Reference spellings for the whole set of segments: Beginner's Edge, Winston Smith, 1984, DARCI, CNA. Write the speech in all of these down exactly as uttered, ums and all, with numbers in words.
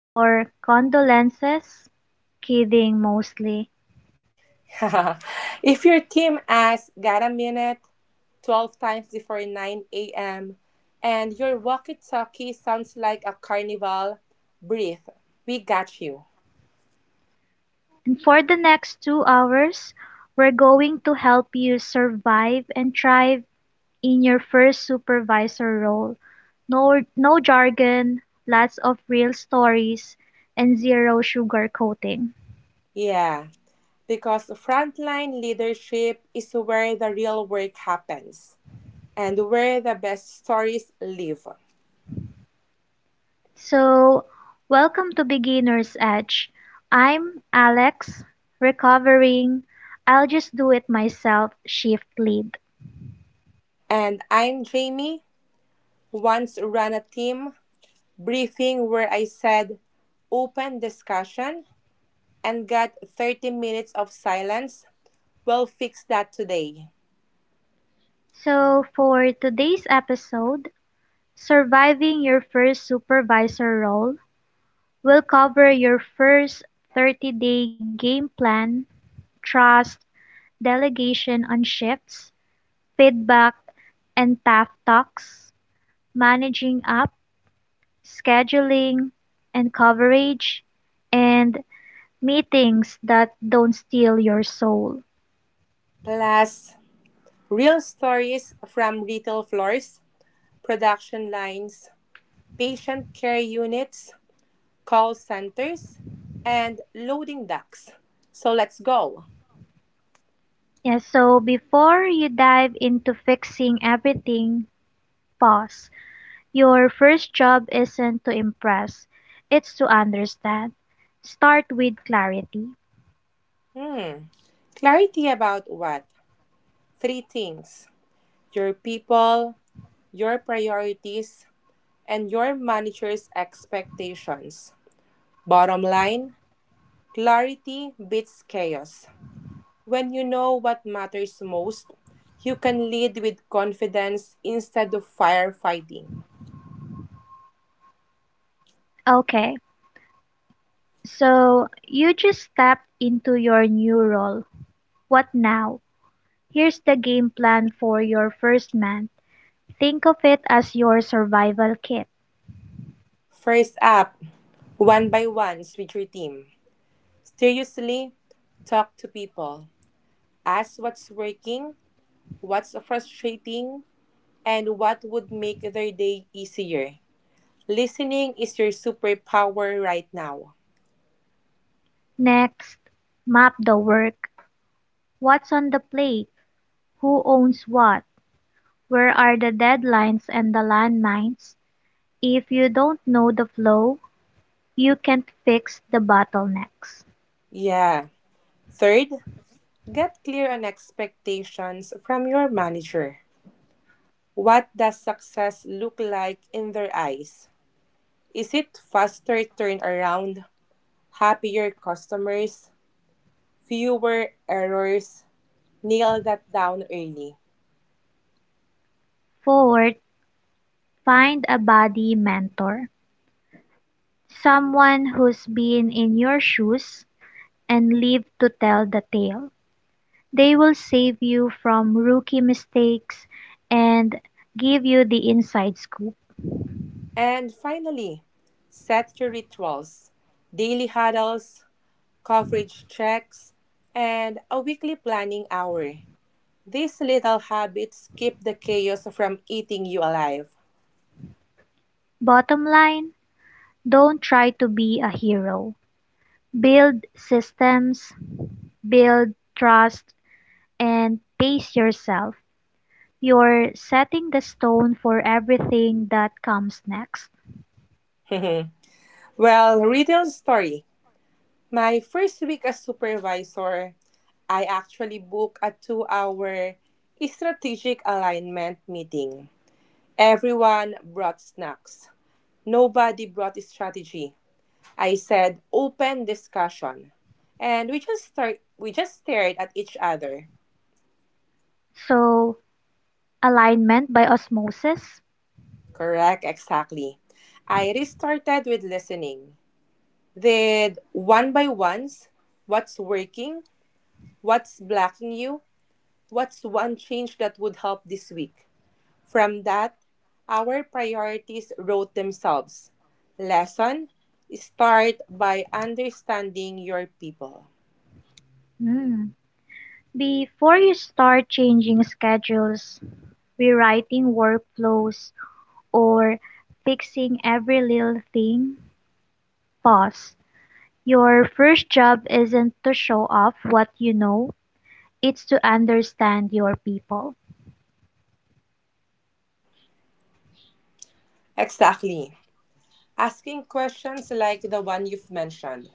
or condolences, kidding mostly. If your team asks, got a minute, twelve times before nine a m, and your walkie talkie sounds like a carnival, breathe. We got you. And for the next two hours, we're going to help you survive and thrive in your first supervisor role. No, no jargon, lots of real stories, and zero sugarcoating. Yeah, because frontline leadership is where the real work happens and where the best stories live. So, welcome to Beginner's Edge. I'm Alex, recovering, I'll just do it myself shift lead. And I'm Jamie, once ran a team briefing where I said open discussion and got thirty minutes of silence. We'll fix that today. So, for today's episode, surviving your first supervisor role, we'll cover your first thirty day game plan, trust, delegation on shifts, feedback, and tough talks, managing up, scheduling, and coverage, and meetings that don't steal your soul. Plus, real stories from retail floors, production lines, patient care units, call centers, and loading docks. So let's go. Yeah, so before you dive into fixing everything, pause. Your first job isn't to impress, it's to understand. Start with clarity. Hmm. Clarity about what? Three things: your people, your priorities, and your manager's expectations. Bottom line: clarity beats chaos. When you know what matters most, you can lead with confidence instead of firefighting. Okay, so you just stepped into your new role. What now? Here's the game plan for your first month. Think of it as your survival kit. First up, one by ones with your team. Seriously, talk to people. Ask what's working, what's frustrating, and what would make their day easier. Listening is your superpower right now. Next, map the work. What's on the plate? Who owns what? Where are the deadlines and the landmines? If you don't know the flow, you can't fix the bottlenecks. Yeah. Third, get clear on expectations from your manager. What does success look like in their eyes? Is it faster turnaround, happier customers, fewer errors? Nail that down early. Fourth, find a buddy mentor. Someone who's been in your shoes and lived to tell the tale. They will save you from rookie mistakes and give you the inside scoop. And finally, set your rituals, daily huddles, coverage checks, and a weekly planning hour. These little habits keep the chaos from eating you alive. Bottom line, don't try to be a hero. Build systems, build trust, and pace yourself. You're setting the stone for everything that comes next. Well, real story. My first week as supervisor, I actually booked a two hour strategic alignment meeting. Everyone brought snacks. Nobody brought strategy. I said open discussion. And we just start we just stared at each other. So, alignment by osmosis. Correct, exactly. I restarted with listening. Did one by ones, what's working, what's blocking you, what's one change that would help this week. From that, our priorities wrote themselves. Lesson: start by understanding your people. Hmm. Before you start changing schedules, rewriting workflows, or fixing every little thing, pause. Your first job isn't to show off what you know, it's to understand your people Exactly. Asking questions like the one you've mentioned.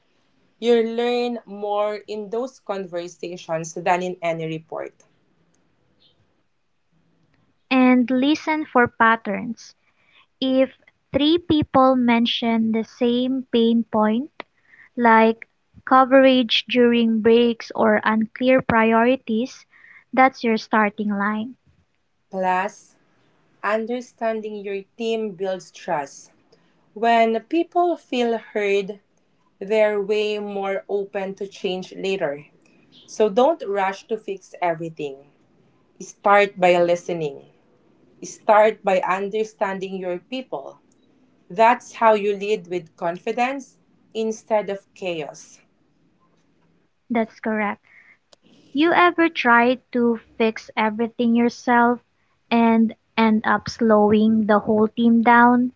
You learn more in those conversations than in any report. and listen for patterns. If three people mention the same pain point, like coverage during breaks or unclear priorities, that's your starting line. Plus, understanding your team builds trust. When people feel heard, they're way more open to change later. So don't rush to fix everything. Start by listening. Start by understanding your people. That's how you lead with confidence instead of chaos. That's correct. You ever try to fix everything yourself and end up slowing the whole team down?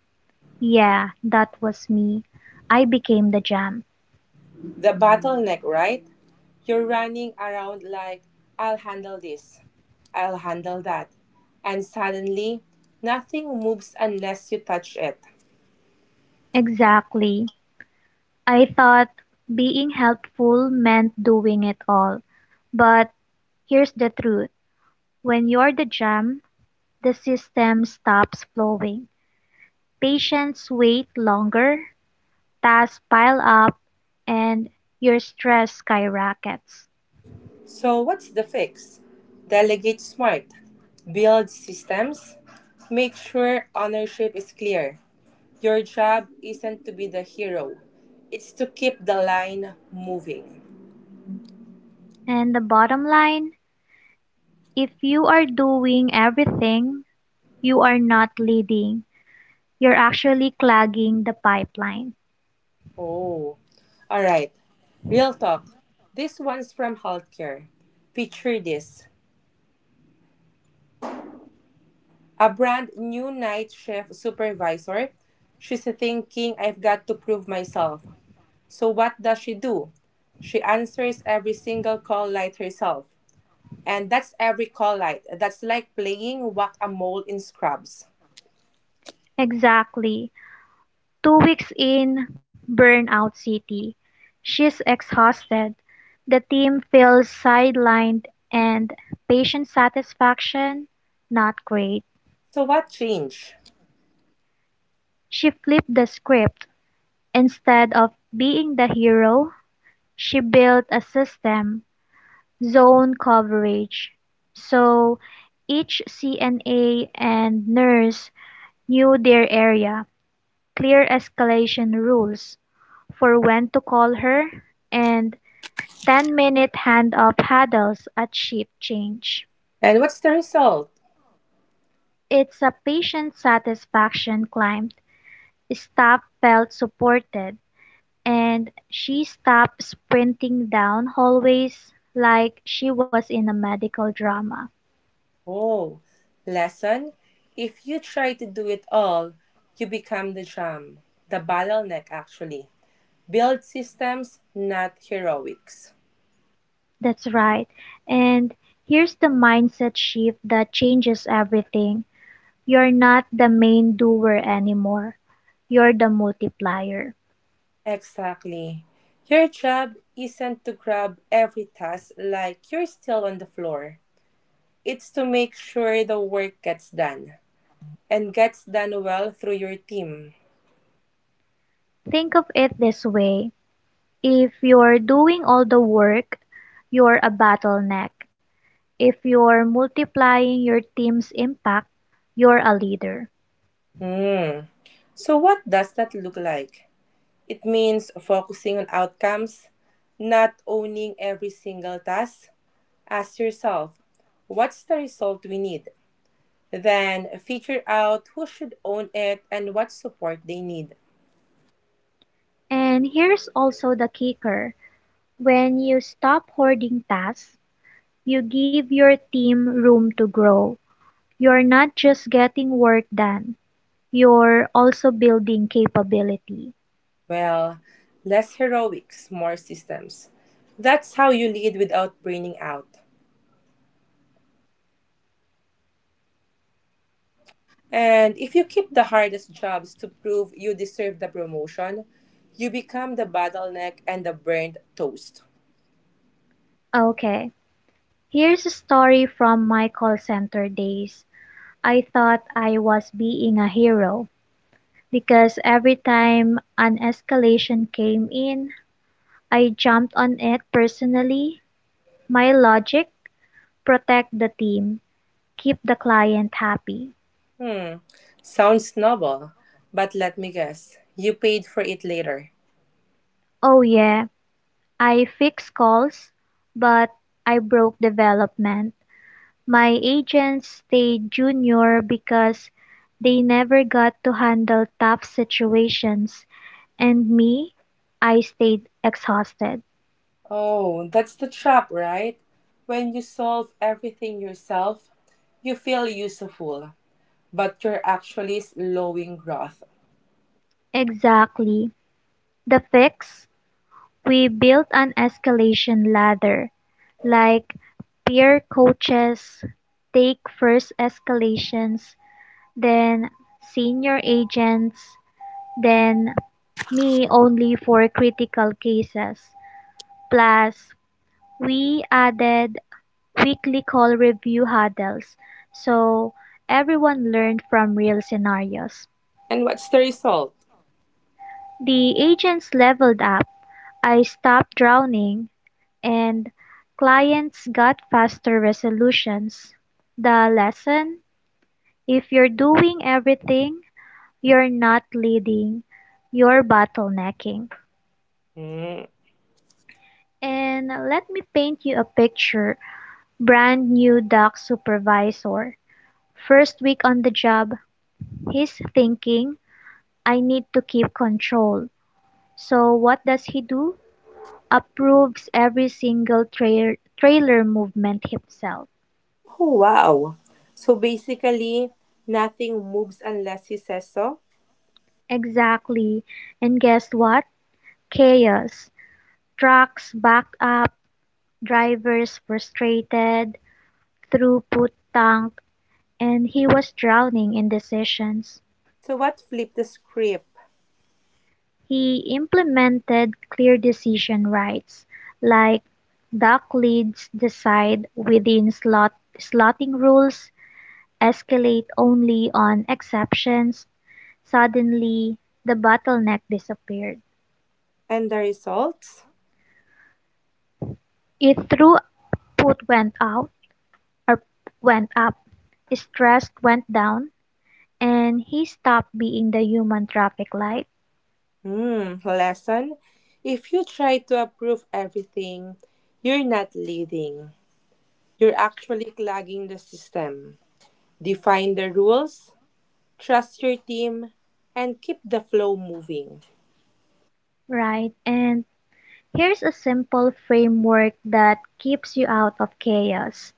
Yeah, that was me. I became the jam. The bottleneck, right? You're running around like, I'll handle this, I'll handle that. And suddenly, nothing moves unless you touch it. Exactly. I thought being helpful meant doing it all. But here's the truth: when you're the jam, the system stops flowing. Patients wait longer, tasks pile up, and your stress skyrockets. So, what's the fix? Delegate smart, build systems, make sure ownership is clear. Your job isn't to be the hero. It's to keep the line moving. And the bottom line: if you are doing everything, you are not leading, you're actually clogging the pipeline. Oh, all right. Real talk. This one's from healthcare. Picture this: a brand new night shift supervisor. She's thinking, I've got to prove myself. So, what does she do? She answers every single call light herself. And that's every call light. That's like playing whack a mole in scrubs. Exactly. Two weeks in Burnout City, she's exhausted, the team feels sidelined, and patient satisfaction, not great. So, what changed? She flipped the script. Instead of being the hero, she built a system, zone coverage. So each C N A and nurse knew their area, clear escalation rules for when to call her, and ten-minute hand-off paddles at ship change. And what's the result? It's a patient satisfaction climb. Staff felt supported, and she stopped sprinting down hallways like she was in a medical drama. Oh, lesson? If you try to do it all, you become the jam, the bottleneck actually. Build systems, not heroics. That's right. And here's the mindset shift that changes everything. You're not the main doer anymore. You're the multiplier. Exactly. Your job isn't to grab every task like you're still on the floor. It's to make sure the work gets done and gets done well through your team. Think of it this way: if you're doing all the work, you're a bottleneck. If you're multiplying your team's impact, you're a leader. Hmm. So what does that look like? It means focusing on outcomes, not owning every single task. Ask yourself, what's the result we need? Then figure out who should own it and what support they need. And here's also the kicker: when you stop hoarding tasks, you give your team room to grow. You're not just getting work done, you're also building capability. Well, less heroics, more systems. That's how you lead without burning out. And if you keep the hardest jobs to prove you deserve the promotion, you become the bottleneck and the burnt toast. Okay, here's a story from my call center days. I thought I was being a hero, because every time an escalation came in, I jumped on it personally. My logic: protect the team, keep the client happy. Hmm, sounds noble, but let me guess. You paid for it later. Oh, yeah, I fix calls, but I broke development. My agents stayed junior because they never got to handle tough situations, and me, I stayed exhausted. Oh, that's the trap, right? When you solve everything yourself, you feel useful, but you're actually slowing growth. Exactly. The fix: we built an escalation ladder, like peer coaches take first escalations, then senior agents, then me only for critical cases. Plus, we added weekly call review huddles so everyone learned from real scenarios. And what's the result? The agents leveled up. I stopped drowning, and clients got faster resolutions. The lesson: if you're doing everything, you're not leading, you're bottlenecking. Hmm. And let me paint you a picture: brand new doc supervisor. First week on the job, he's thinking, I need to keep control. So what does he do? Approves every single tra- trailer movement himself. Oh, wow. So basically, nothing moves unless he says so. Exactly. And guess what? Chaos, trucks backed up, drivers frustrated, throughput tanked, and he was drowning in decisions. So, what flipped the script? He implemented clear decision rights, like dock leads decide within slot, slotting rules, escalate only on exceptions. Suddenly, the bottleneck disappeared. And the result? If throughput went out or went up, stress went down, and he stopped being the human traffic light, Hmm, lesson. If you try to approve everything, you're not leading. You're actually clogging the system. Define the rules, trust your team, and keep the flow moving. right? And here's a simple framework that keeps you out of chaos.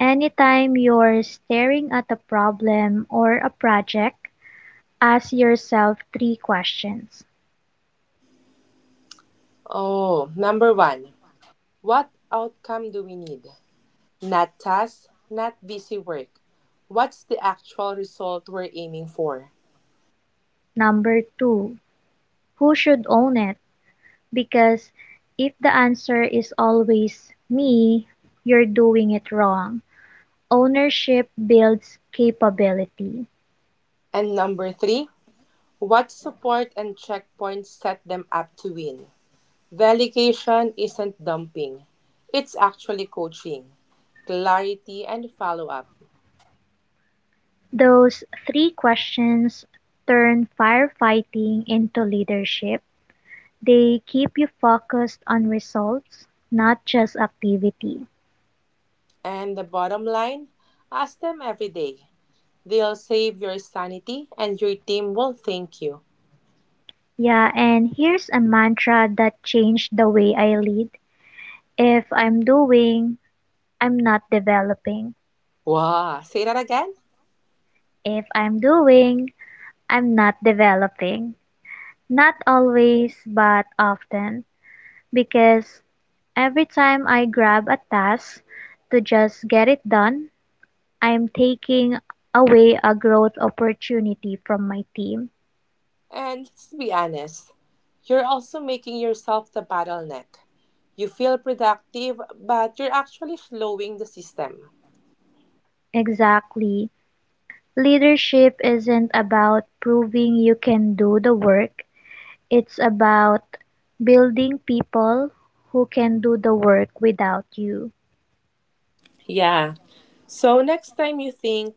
Anytime you're staring at a problem or a project, ask yourself three questions. Oh, number one. What outcome do we need? Not task, not busy work. What's the actual result we're aiming for? Number two, who should own it? Because if the answer is always me, you're doing it wrong. Ownership builds capability. And number three, what support and checkpoints set them up to win? Delegation isn't dumping, it's actually coaching, clarity, and follow up. Those three questions turn firefighting into leadership. They keep you focused on results, not just activity. And the bottom line: ask them every day. They'll save your sanity, and your team will thank you. Yeah, and here's a mantra that changed the way I lead. If I'm doing, I'm not developing. Wow, say that again? If I'm doing, I'm not developing. Not always, but often. Because every time I grab a task to just get it done, I am taking away a growth opportunity from my team. And let's be honest, you're also making yourself the bottleneck. You feel productive, but you're actually slowing the system. Exactly. Leadership isn't about proving you can do the work, it's about building people who can do the work without you. Yeah. So next time you think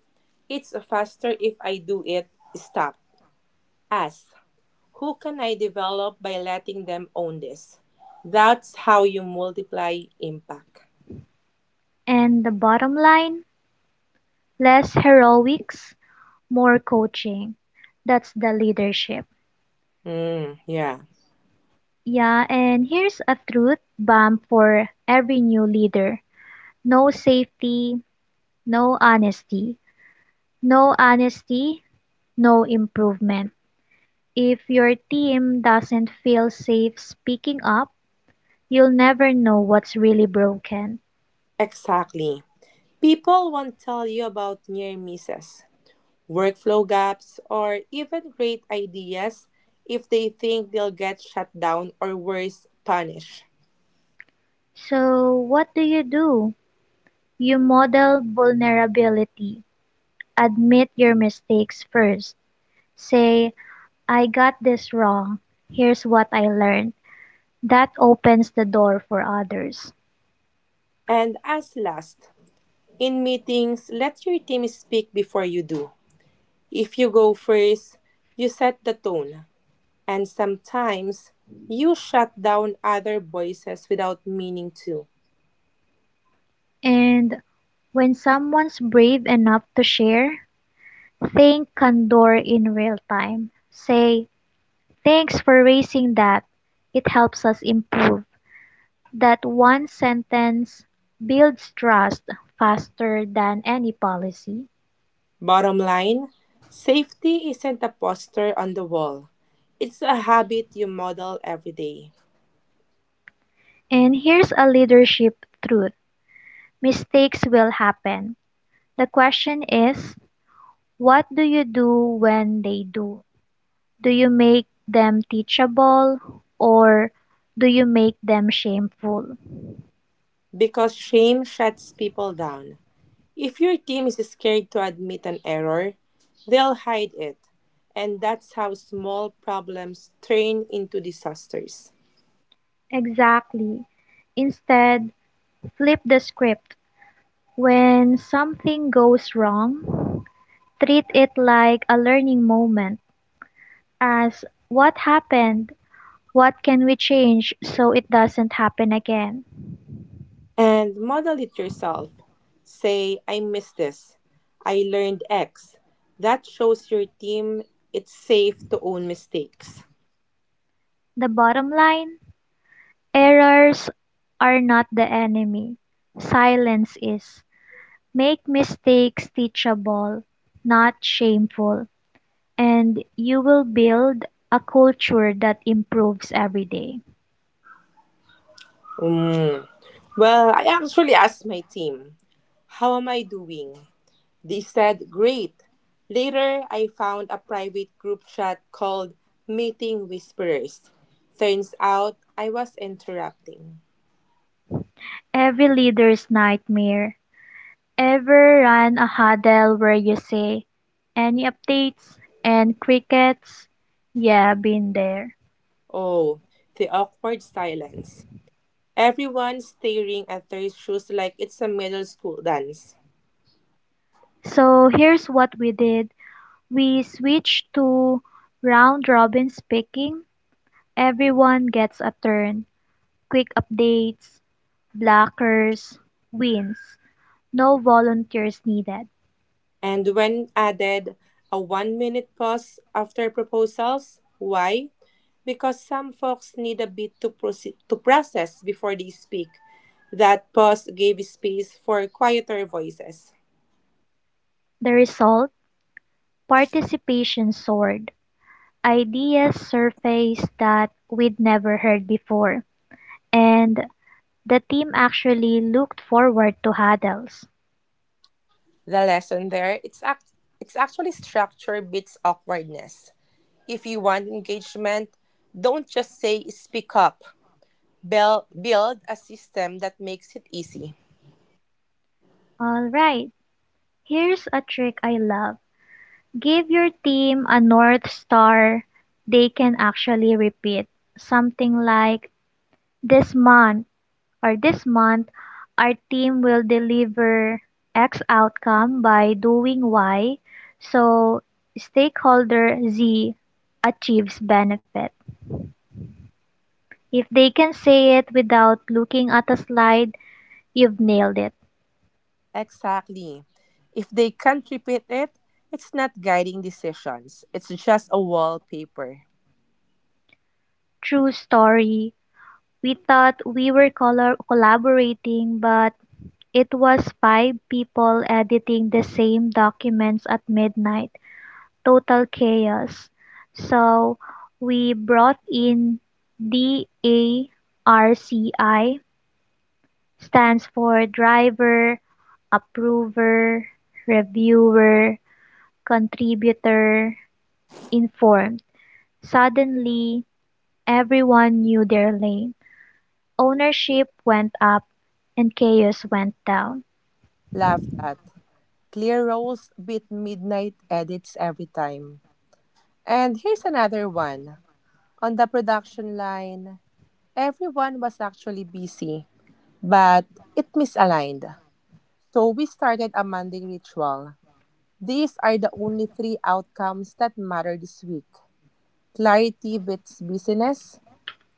it's faster if I do it, stop. Ask, who can I develop by letting them own this? That's how you multiply impact. And the bottom line: less heroics, more coaching. That's the leadership. Mm, yeah, Yeah, and here's a truth bomb for every new leader: no safety, no honesty. No honesty, no improvement. If your team doesn't feel safe speaking up, you'll never know what's really broken. exactly. People won't tell you about near misses, workflow gaps, or even great ideas if they think they'll get shut down or worse, punished. So, what do you do? You model vulnerability. Admit your mistakes first. Say, I got this wrong. Here's what I learned. That opens the door for others. And as last, in meetings, let your team speak before you do. If you go first, you set the tone. And sometimes you shut down other voices without meaning to. And when someone's brave enough to share, think candor in real time. Say, thanks for raising that. It helps us improve. That one sentence builds trust faster than any policy. Bottom line: safety isn't a poster on the wall, it's a habit you model every day. And here's a leadership truth: mistakes will happen. The question is, what do you do when they do? Do you make them teachable, or do you make them shameful? Because shame shuts people down. If your team is scared to admit an error, they'll hide it. And that's how small problems turn into disasters. Exactly. Instead, flip the script. When something goes wrong, treat it like a learning moment, as what happened, what can we change so it doesn't happen again? And model it yourself. Say, I miss this. I learned X. That shows your team it's safe to own mistakes. The bottom line: errors are not the enemy, silence is. Make mistakes teachable, not shameful, and you will build a culture that improves every day. Mm. Well, I actually asked my team, how am I doing? They said, great. Later, I found a private group chat called Meeting Whisperers. Turns out I was interrupting. Every leader's nightmare: ever run a hurdle where you say, any updates? And crickets? Yeah, been there. Oh, the awkward silence. Everyone staring at their shoes like it's a middle school dance. So here's what we did. We switched to round robin speaking. Everyone gets a turn. Quick updates, blockers, wins. No volunteers needed. And when added a one minute pause after proposals, why? Because some folks need a bit to, proce- to process before they speak. That pause gave space for quieter voices. The result? Participation soared. Ideas surfaced that we'd never heard before. And the team actually looked forward to huddles. The lesson there, it's, act- it's actually structure beats awkwardness. If you want engagement, don't just say speak up. Bel- build a system that makes it easy. All right, here's a trick I love. Give your team a North Star they can actually repeat. Something like this month, or this month, our team will deliver X outcome by doing Y. So stakeholder Z achieves benefit. If they can say it without looking at a slide, you've nailed it. Exactly. If they can't repeat it, it's not guiding decisions, it's just a wallpaper. True story: we thought we were color collaborating, but it was five people editing the same documents at midnight. Total chaos. So we brought in DARCI, stands for driver, approver, reviewer, contributor, informed. Suddenly, everyone knew their lane. Ownership went up and chaos went down. Love that. Clear roles beat midnight edits every time. And here's another one. On the production line, everyone was actually busy, but it misaligned. So we started a Monday ritual. These are the only three outcomes that matter this week. Clarity beats busyness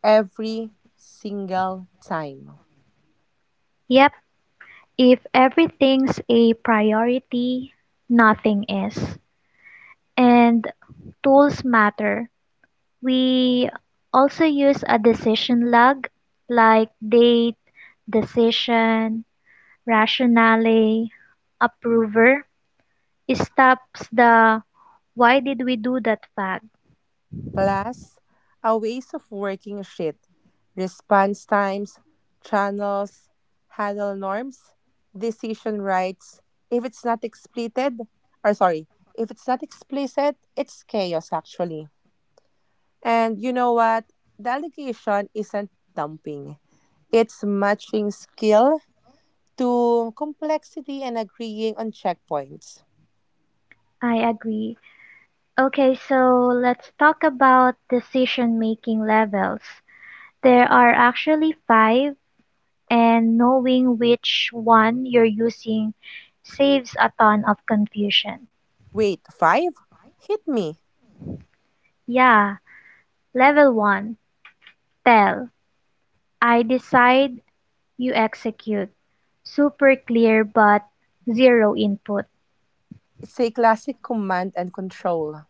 every single time. Yep, if everything's a priority, nothing is. And tools matter. We also use a decision log, like date, decision, rationale, approver. It stops the why did we do that fact. Plus, a ways of working shit, response times, channels, handle norms, decision rights. If it's not explicit, or sorry, if it's not explicit, it's chaos actually. And you know what? Delegation isn't dumping, it's matching skill to complexity and agreeing on checkpoints. I agree. Okay, so let's talk about decision making levels. There are actually five, and knowing which one you're using saves a ton of confusion. Wait, five? Hit me. Yeah, level one, tell. I decide, you execute. Super clear, but zero input. It's a classic command and control.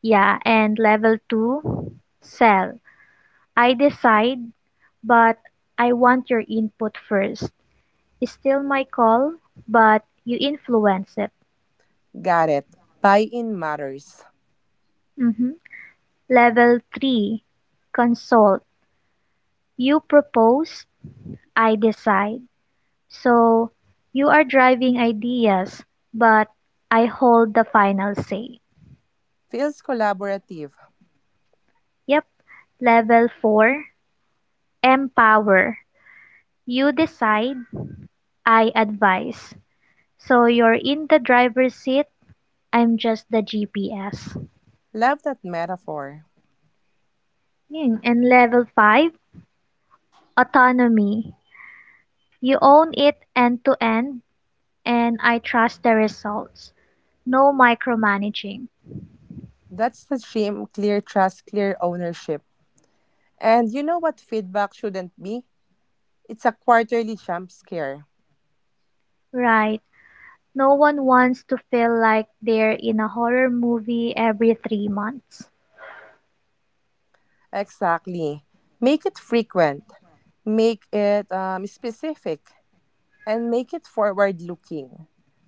Yeah, and level two, sell. I decide, but I want your input first. It's still my call, but you influence it. Got it. Buy in matters. Mhm. Level three, consult. You propose, I decide. So you are driving ideas, but I hold the final say. Feels collaborative. Yep. Level four, empower. You decide, I advise. So you're in the driver's seat, I'm just the G P S. Love that metaphor. And level five, autonomy. You own it end to end, and I trust the results. No micromanaging. That's the dream: clear trust, clear ownership. And you know what feedback shouldn't be? It's a quarterly jump scare. Right. No one wants to feel like they're in a horror movie every three months. Exactly. Make it frequent. Make it um, specific and make it forward looking.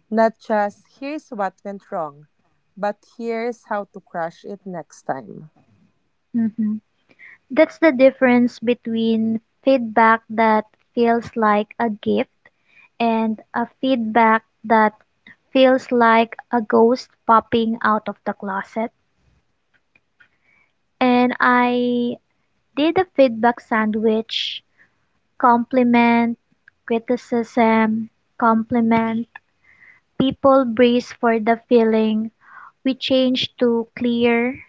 Not just here's what went wrong, but here's how to crush it next time. Hmm. That's the difference between feedback that feels like a gift and a feedback that feels like a ghost popping out of the closet. And I did a feedback sandwich: compliment, criticism, compliment. People brace for the feeling. We change to clear,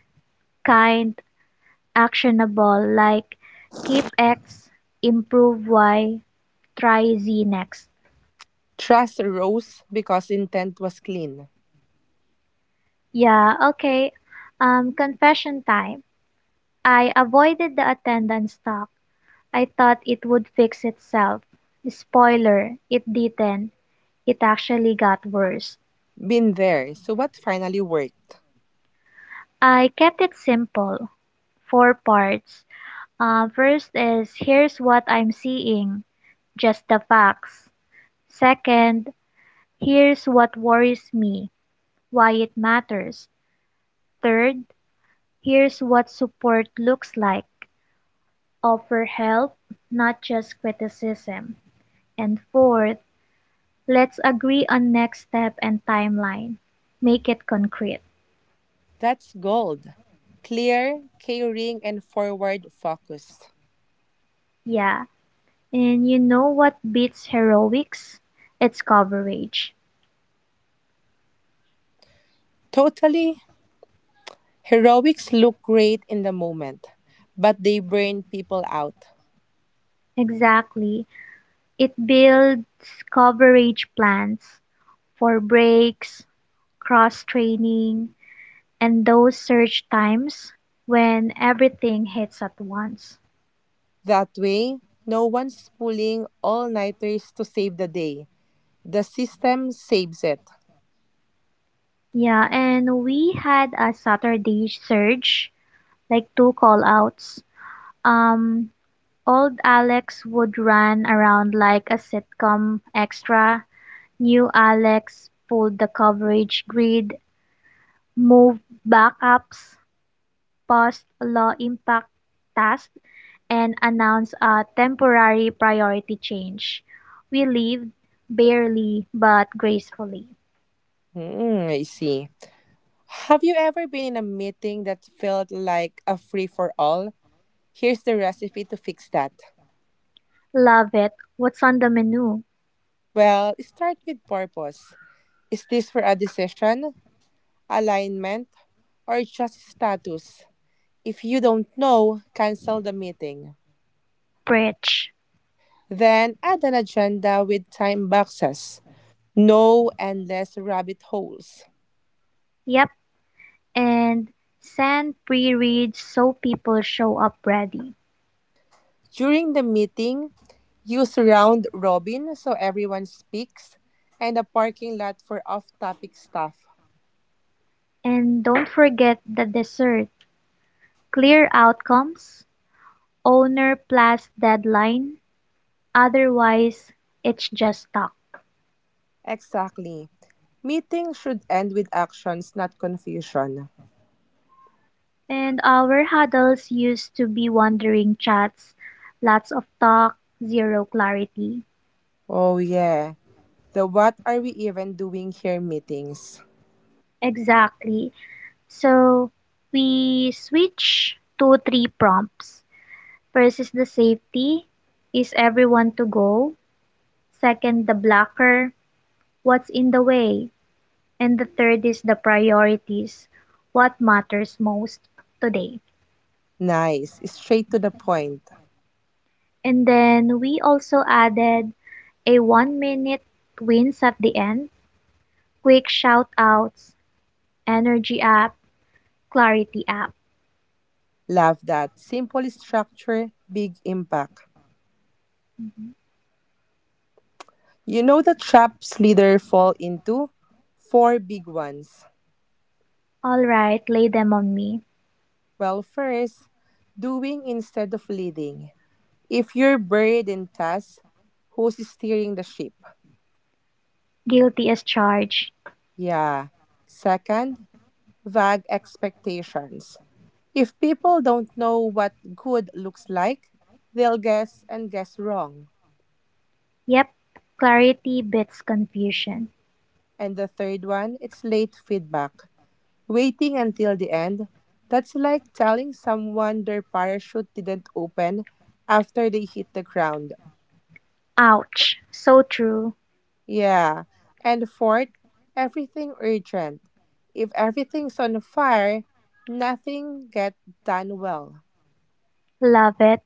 kind, actionable, like keep X, improve Y, try Z next. Trust rose because intent was clean. Yeah, okay. Um, confession time. I avoided the attendance talk. I thought it would fix itself. Spoiler, it didn't. It actually got worse. Been there, so what finally worked? I kept it simple, four parts. Uh, first is here's what I'm seeing, just the facts. Second, here's what worries me, why it matters. Third, here's what support looks like. Offer help, not just criticism. And fourth, let's agree on next step and timeline. Make it concrete. That's gold. Clear, caring, and forward focused. Yeah. And you know what beats heroics? It's coverage. Totally. Heroics look great in the moment, but they burn people out. Exactly. It builds coverage plans for breaks, cross training, and those surge times when everything hits at once. That way, no one's pulling all nighters to save the day. The system saves it. Yeah, and we had a Saturday surge, like two call outs. Um, Old Alex would run around like a sitcom extra. New Alex pulled the coverage grid, moved backups, passed law impact test and announced a temporary priority change. We lived, barely but gracefully. Hmm, I see. Have you ever been in a meeting that felt like a free for all? Here's the recipe to fix that. Love it. What's on the menu? Well, start with purpose. Is this for a decision, alignment, or just status? If you don't know, cancel the meeting. Preach. Then add an agenda with time boxes. No endless rabbit holes. Yep, and send pre reads so people show up ready. During the meeting, use round robin so everyone speaks and a parking lot for off topic stuff. And don't forget the dessert. Clear outcomes, owner plus deadline, otherwise, it's just talk. Exactly. Meetings should end with actions, not confusion. And our huddles used to be wandering chats, lots of talk, zero clarity. Oh, yeah. The what are we even doing here meetings? Exactly. So we switch to three prompts. First is the safety. Is everyone to go? Second, the blocker. What's in the way? And the third is the priorities. What matters most today? Nice. Straight to the point. And then we also added a one minute wins at the end, quick shout-outs, energy up, clarity up. Love that. Simple structure, big impact. Mhm. You know the traps leader fall into? Four big ones. All right, lay them on me. Well, first, doing instead of leading. If you're buried in tasks, who's steering the ship? Guilty as charged. Yeah. Second, vague expectations. If people don't know what good looks like, they'll guess and guess wrong. Yep, clarity beats confusion. And the third one, it's late feedback. Waiting until the end, that's like telling someone their parachute didn't open after they hit the ground. Ouch, so true. Yeah. And fourth, everything urgent. If everything's on fire, nothing get done well. Love it.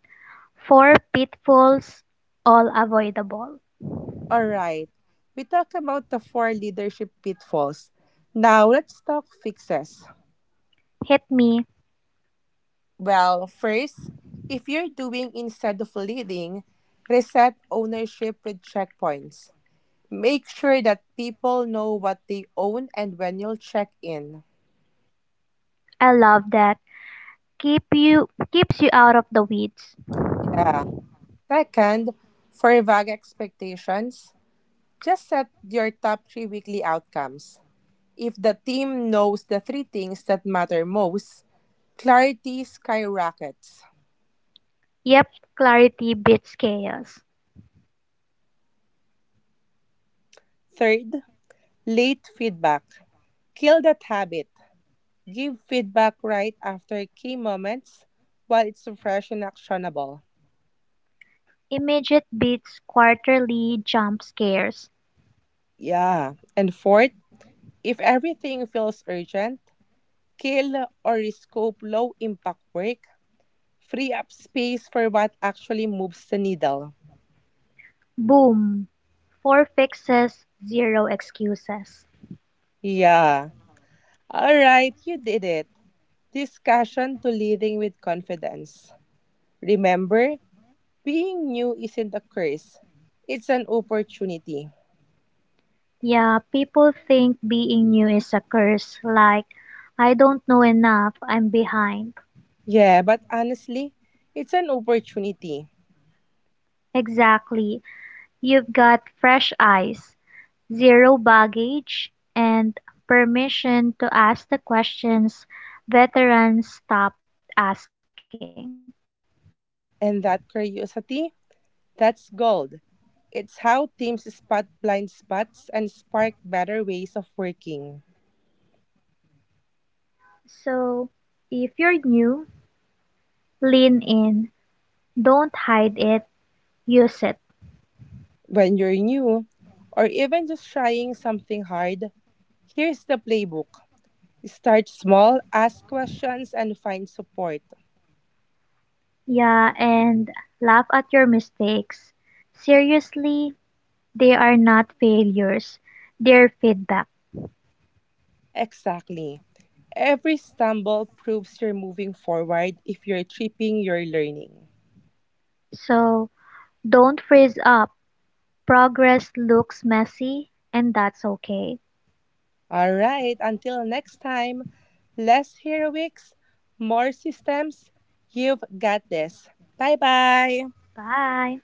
Four pitfalls, all avoidable. All right. We talked about the four leadership pitfalls. Now let's talk fixes. Hit me. Well, first, if you're doing instead of leading, reset ownership with checkpoints. Make sure that people know what they own and when you'll check in. I love that. Keep you keeps you out of the weeds. Yeah. Second, for vague expectations, just set your top three weekly outcomes. If the team knows the three things that matter most, clarity skyrockets. Yep, clarity beats chaos. Third, late feedback. Kill that habit. Give feedback right after key moments while it's fresh and actionable. Immediate beats quarterly jump scares. Yeah. And fourth, if everything feels urgent, kill or rescope low impact work. Free up space for what actually moves the needle. Boom. Four fixes, zero excuses. Yeah. All right, you did it. Discussion to leading with confidence. Remember, being new isn't a curse, it's an opportunity. Yeah, people think being new is a curse, like, I don't know enough, I'm behind. Yeah, but honestly, it's an opportunity. Exactly. You've got fresh eyes, zero baggage, and permission to ask the questions veterans stopped asking. And that curiosity, that's gold. It's how teams spot blind spots and spark better ways of working. So, if you're new, lean in, don't hide it, use it. When you're new, or even just trying something hard, here's the playbook. Start small, ask questions, and find support. Yeah, and laugh at your mistakes. Seriously, they are not failures, they're feedback. Exactly. Every stumble proves you're moving forward. If you're tripping, you're learning. So don't freeze up. Progress looks messy, and that's okay. All right, until next time, less heroics, more systems. You've got this. Bye bye. Bye.